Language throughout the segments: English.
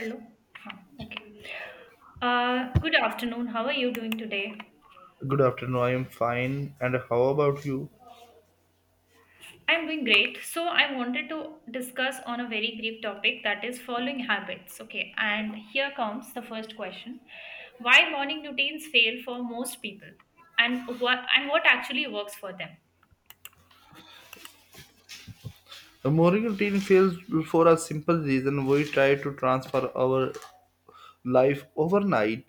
Hello. Huh, okay. Good afternoon. How are you doing today? Good afternoon, I am fine. And how about you? I'm doing great. So I wanted to discuss on a very brief topic that is following habits. Okay, and here comes the first question: Why morning routines fail for most people, and what actually works for them? The morning routine fails for a simple reason. We try to transfer our life overnight.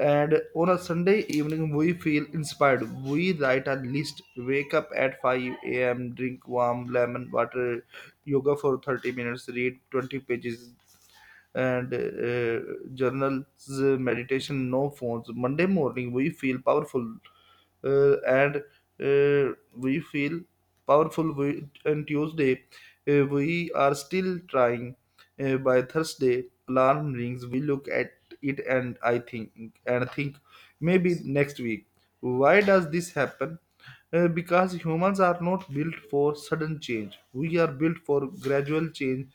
And on a Sunday evening, we feel inspired. We write a list, wake up at 5 a.m., drink warm lemon water, yoga for 30 minutes, read 20 pages and journals, meditation, no phones. Monday morning, we feel powerful and we feel powerful. We, and Tuesday, we are still trying. By Thursday, alarm rings. We look at it and I think maybe next week. Why does this happen? Because humans are not built for sudden change. We are built for gradual change.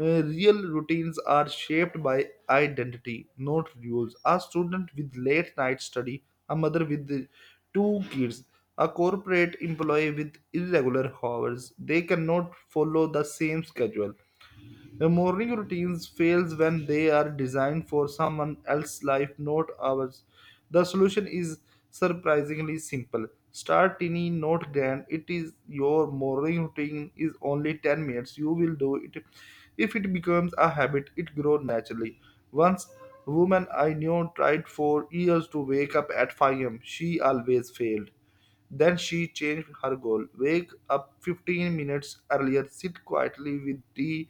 Real routines are shaped by identity, not rules. A student with late night study, a mother with the two kids, a corporate employee with irregular hours, they cannot follow the same schedule. The morning routines fails when they are designed for someone else's life, not ours. The solution is surprisingly simple. Start tiny, not grand. It is your morning routine is only 10 minutes. You will do it. If it becomes a habit, it grows naturally. Once woman I knew tried for years to wake up at 5 am. She always failed. Then she changed her goal. Wake up 15 minutes earlier, sit quietly with tea,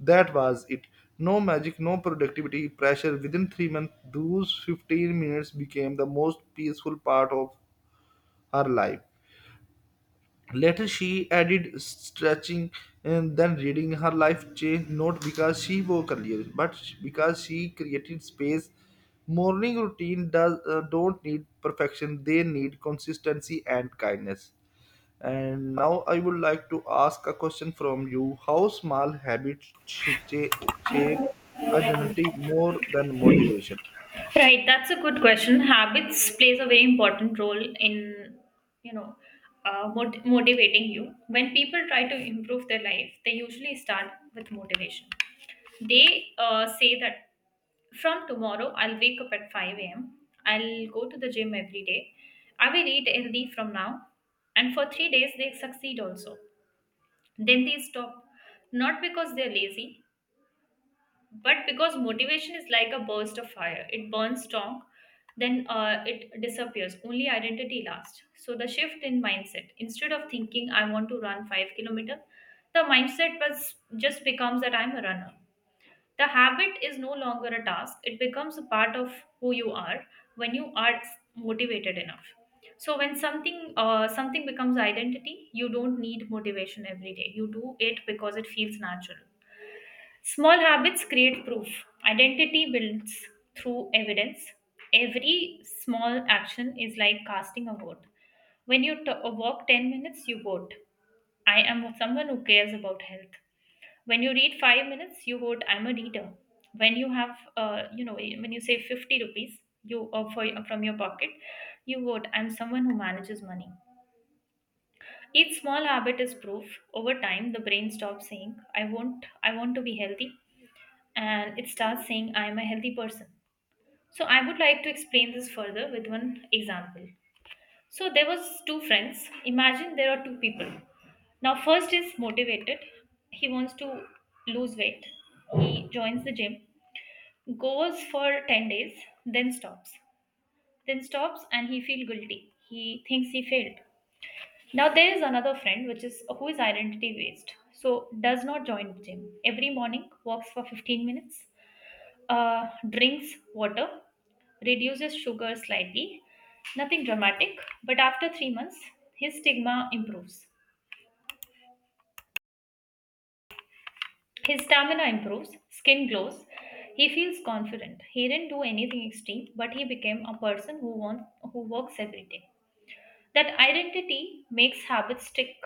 that was it. No magic, no productivity pressure. Within 3 months, those 15 minutes became the most peaceful part of her life. Later, she added stretching and then reading. Her life changed not because she woke earlier, but because she created space. Morning routine does don't need perfection; they need consistency and kindness. And now I would like to ask a question from you: How small habits shape identity more than motivation? Right, that's a good question. Habits plays a very important role in, you know, motivating you. When people try to improve their life, they usually start with motivation. They say that from tomorrow, I'll wake up at 5 a.m., I'll go to the gym every day, I will eat healthy from now. And for 3 days, they succeed also. Then they stop, not because they're lazy, but because motivation is like a burst of fire. It burns strong, then it disappears. Only identity lasts. So the shift in mindset, instead of thinking, I want to run 5 kilometer, the mindset was just becomes that I'm a runner. The habit is no longer a task, it becomes a part of who you are when you are motivated enough. So when something becomes identity, you don't need motivation every day. You do it because it feels natural. Small habits create proof. Identity builds through evidence. Every small action is like casting a vote. When you walk 10 minutes, you vote. I am someone who cares about health. When you read 5 minutes, you would, I'm a reader. When you have when you say 50 rupees you from your pocket you would, I'm someone who manages money. Each small habit is proof. Over time the brain stops saying I won't I want to be healthy, and it starts saying I am a healthy person. So I would like to explain this further with one example. So there was two friends. Imagine there are two people. Now first is motivated. He wants to lose weight. He joins the gym, goes for 10 days, then stops. then stops and he feels guilty. He thinks he failed. Now there is another friend which is who is identity based. So does not join the gym. Every morning walks for 15 minutes, drinks water, reduces sugar slightly, nothing dramatic, but after 3 months his stigma improves. His stamina improves, skin glows, he feels confident. He didn't do anything extreme, but he became a person who works every day. That identity makes habits stick.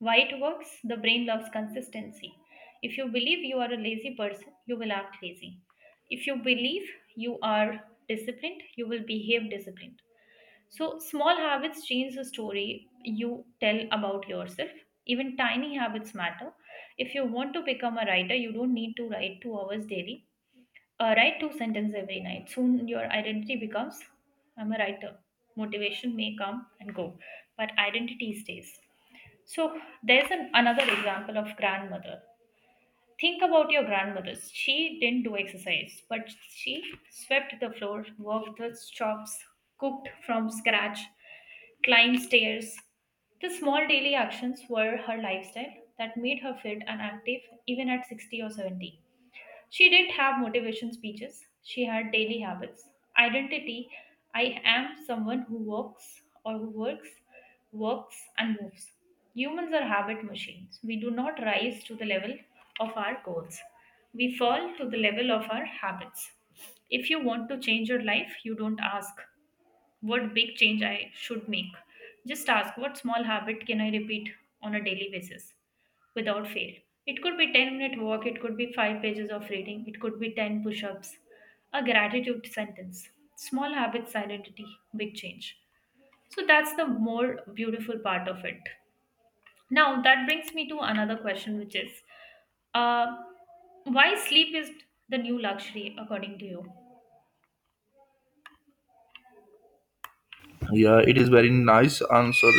Why it works? The brain loves consistency. If you believe you are a lazy person, you will act lazy. If you believe you are disciplined, you will behave disciplined. So, small habits change the story you tell about yourself. Even tiny habits matter. If you want to become a writer, you don't need to write 2 hours daily. Write two sentences every night. Soon your identity becomes I'm a writer. Motivation may come and go, but identity stays. So there's another example of grandmother. Think about your grandmother. She didn't do exercise, but she swept the floor, worked the shops, cooked from scratch, climbed stairs. The small daily actions were her lifestyle that made her fit and active even at 60 or 70. She didn't have motivation speeches, she had daily habits. Identity, I am someone who works, works and moves. Humans are habit machines. We do not rise to the level of our goals, we fall to the level of our habits. If you want to change your life, you don't ask, what big change I should make? Just ask, what small habit can I repeat on a daily basis without fail? It could be 10-minute walk, it could be 5 pages of reading, it could be 10 push ups, a gratitude sentence. Small habits, identity, big change. So that's the more beautiful part of it. Now that brings me to another question, which is uh, why sleep is the new luxury according to you? Yeah, it is very nice answer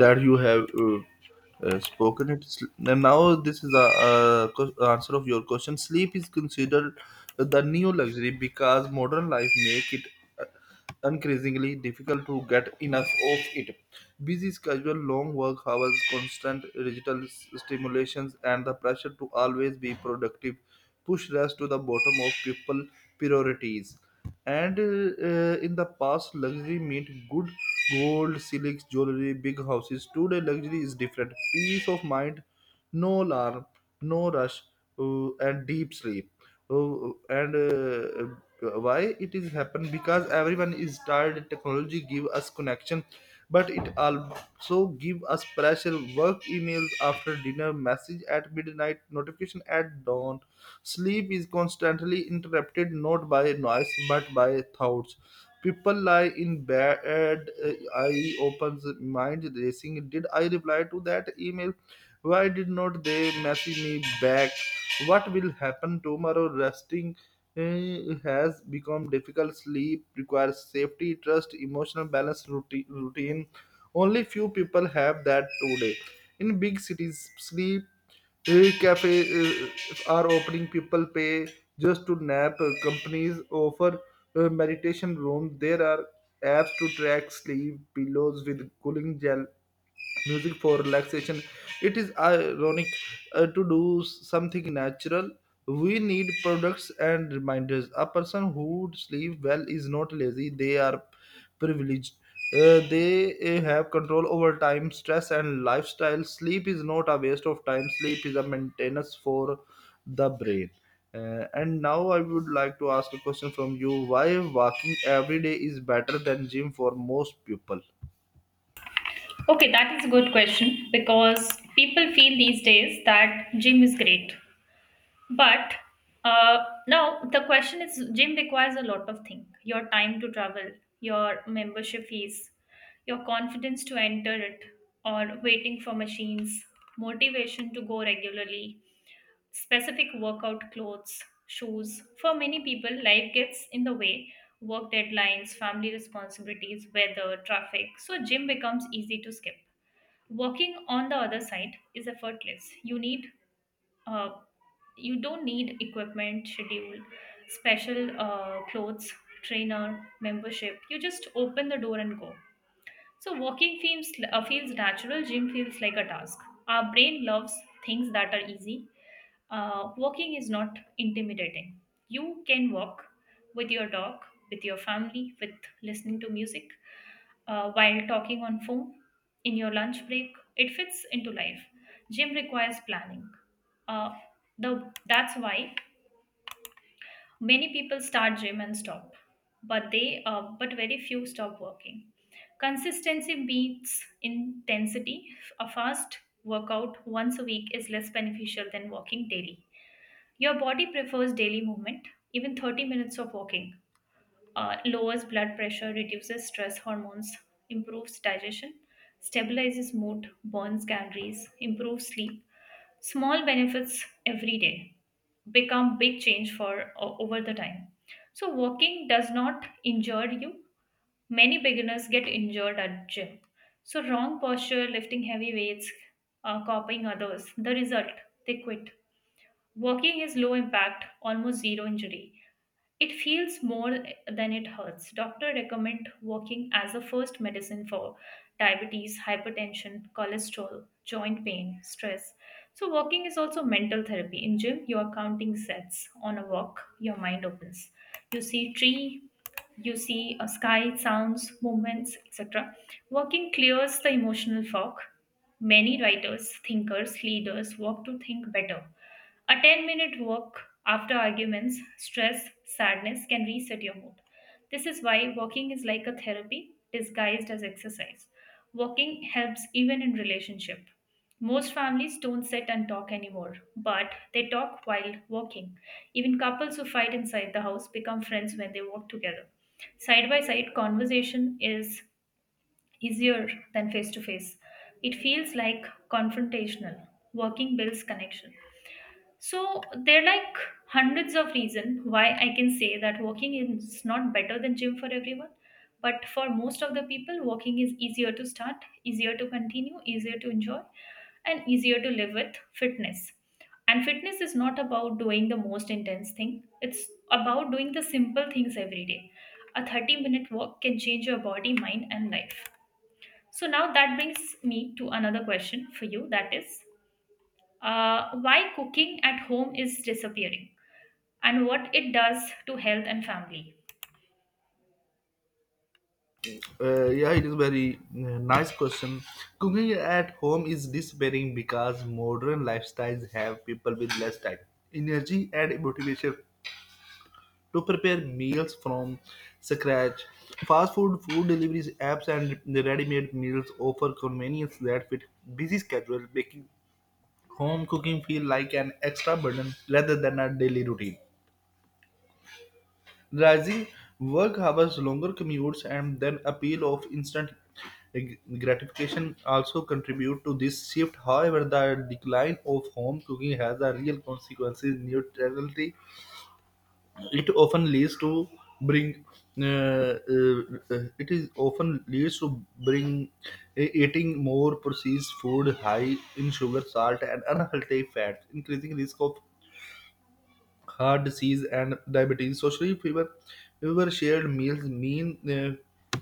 that you have spoken it. And now this is the answer of your question. Sleep is considered the new luxury because modern life make it uh, increasingly difficult to get enough of it. Busy schedule, long work hours, constant digital stimulations, and the pressure to always be productive pushed us to the bottom of people priorities. And in the past, luxury meant good gold, silks, jewelry, big houses. Today, luxury is different. Peace of mind, no alarm, no rush, and deep sleep. And why it is happened? Because everyone is tired. Technology give us connection, but it also give us pressure. Work emails after dinner, message at midnight, notification at dawn. Sleep is constantly interrupted not by noise but by thoughts. People lie in bed, eye opens, mind racing. Did I reply to that email? Why did not they message me back? What will happen tomorrow? Resting has become difficult. Sleep requires safety, trust, emotional balance, routine. Only few people have that today. In big cities, sleep cafes are opening. People pay just to nap. Companies offer meditation rooms. There are apps to track sleep, pillows with cooling gel, music for relaxation. It is ironic, to do something natural we need products and reminders. A person who sleeps well is not lazy, they are privileged. They have control over time, stress and lifestyle. Sleep is not a waste of time, sleep is a maintenance for the brain. And now I would like to ask a question from you: Why walking every day is better than gym for most people? Okay, that is a good question because people feel these days that gym is great. But uh, now the question is, gym requires a lot of things: your time to travel, your membership fees, your confidence to enter it, or waiting for machines, motivation to go regularly, specific workout clothes, shoes. For many people, life gets in the way: work deadlines, family responsibilities, weather, traffic. So, gym becomes easy to skip. Walking, on the other side, is effortless. Uh, you don't need equipment, schedule, special clothes, trainer, membership. You just open the door and go. So walking feels natural. Gym feels like a task. Our brain loves things that are easy. Walking is not intimidating. You can walk with your dog, with your family, with listening to music, while talking on phone, in your lunch break. It fits into life. Gym requires planning. Uh, the That's why many people start gym and stop, but very few stop working. Consistency beats intensity. A fast workout once a week is less beneficial than walking daily. Your body prefers daily movement. Even 30 minutes of walking, lowers blood pressure, reduces stress hormones, improves digestion, stabilizes mood, burns calories, improves sleep. Small benefits every day become big change for over the time. So walking does not injure you. Many beginners get injured at gym. So, wrong posture, lifting heavy weights, copying others. The result, they quit. Walking is low impact, almost zero injury. It feels more than it hurts. Doctor recommend walking as a first medicine for diabetes, hypertension, cholesterol, joint pain, stress. So walking is also mental therapy. In gym, you are counting sets. On a walk, your mind opens. You see tree, you see a sky, sounds, movements, etc. Walking clears the emotional fog. Many writers, thinkers, leaders walk to think better. A 10-minute walk after arguments, stress, sadness can reset your mood. This is why walking is like a therapy disguised as exercise. Walking helps even in relationship. Most families don't sit and talk anymore, but they talk while walking. Even couples who fight inside the house become friends when they walk together. Side by side conversation is easier than face to face. It feels like confrontational. Walking builds connection. So there are like hundreds of reasons why I can say that walking is not better than gym for everyone. But for most of the people, walking is easier to start, easier to continue, easier to enjoy, and easier to live with fitness. And fitness is not about doing the most intense thing, it's about doing the simple things every day. A 30-minute walk can change your body, mind, and life. So now that brings me to another question for you, that is why cooking at home is disappearing and what it does to health and family. Yeah, it is very nice question. Cooking at home is disappearing because modern lifestyles have people with less time, energy, and motivation to prepare meals from scratch. Fast food, food deliveries apps, and the ready-made meals offer convenience that fit busy schedules, making home cooking feel like an extra burden rather than a daily routine. Rising work hours, longer commutes, and then appeal of instant gratification also contribute to this shift. However, the decline of home cooking has a real consequences in neutrality. It often leads to bring uh, uh, it is often leads to bring eating more processed food high in sugar, salt and unhealthy fats, increasing risk of heart disease and diabetes. Socially, fewer shared meals mean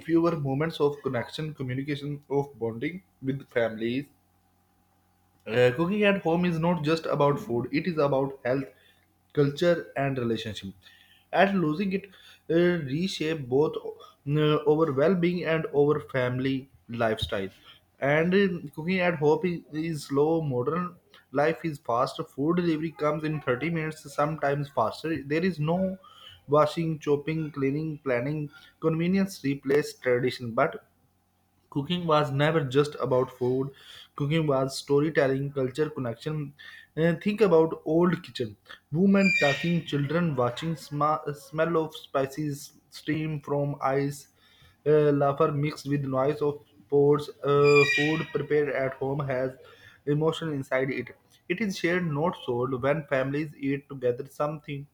fewer moments of connection, communication, of bonding with families. Cooking at home is not just about food, it is about health, culture, and relationship. At losing it, reshape both our well being and our family lifestyle. And cooking at home is slow, modern life is fast, food delivery comes in 30 minutes, sometimes faster. There is no washing, chopping, cleaning, planning. Convenience replaces tradition, but cooking was never just about food. Cooking was storytelling, culture connection. Think about old kitchen. Women talking, children watching, smell of spices, steam from ice, laughter mixed with noise of pots. Food prepared at home has emotion inside it. It is shared, not sold. When families eat together, something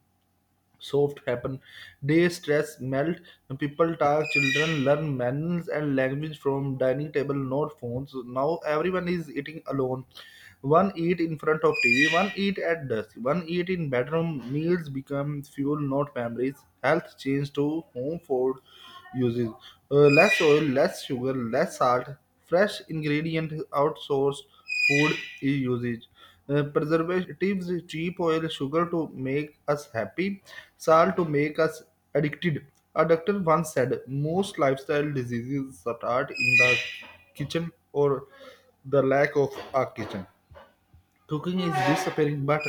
soft happen. Day stress melt. People talk. Children learn manners and language from dining table, not phones. Now everyone is eating alone. One eat in front of TV. One eat at dusk. One eat in bedroom. Meals become fuel, not memories. Health change to home food uses. Less oil, less sugar, less salt. Fresh ingredient outsourced food is usage. Preservatives, cheap oil, sugar to make us happy, salt to make us addicted. A doctor once said most lifestyle diseases start in the kitchen, or the lack of a kitchen. Cooking is disappearing, but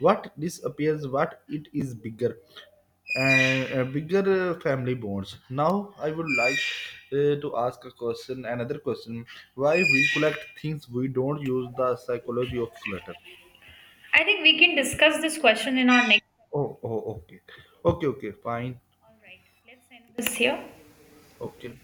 what disappears, what it is bigger and bigger family bonds. Now, I would like to ask a question, another question: Why we collect things we don't use? The psychology of clutter. I think we can discuss this question in our next. Oh, okay. Okay, fine. All right, let's end this here. Okay.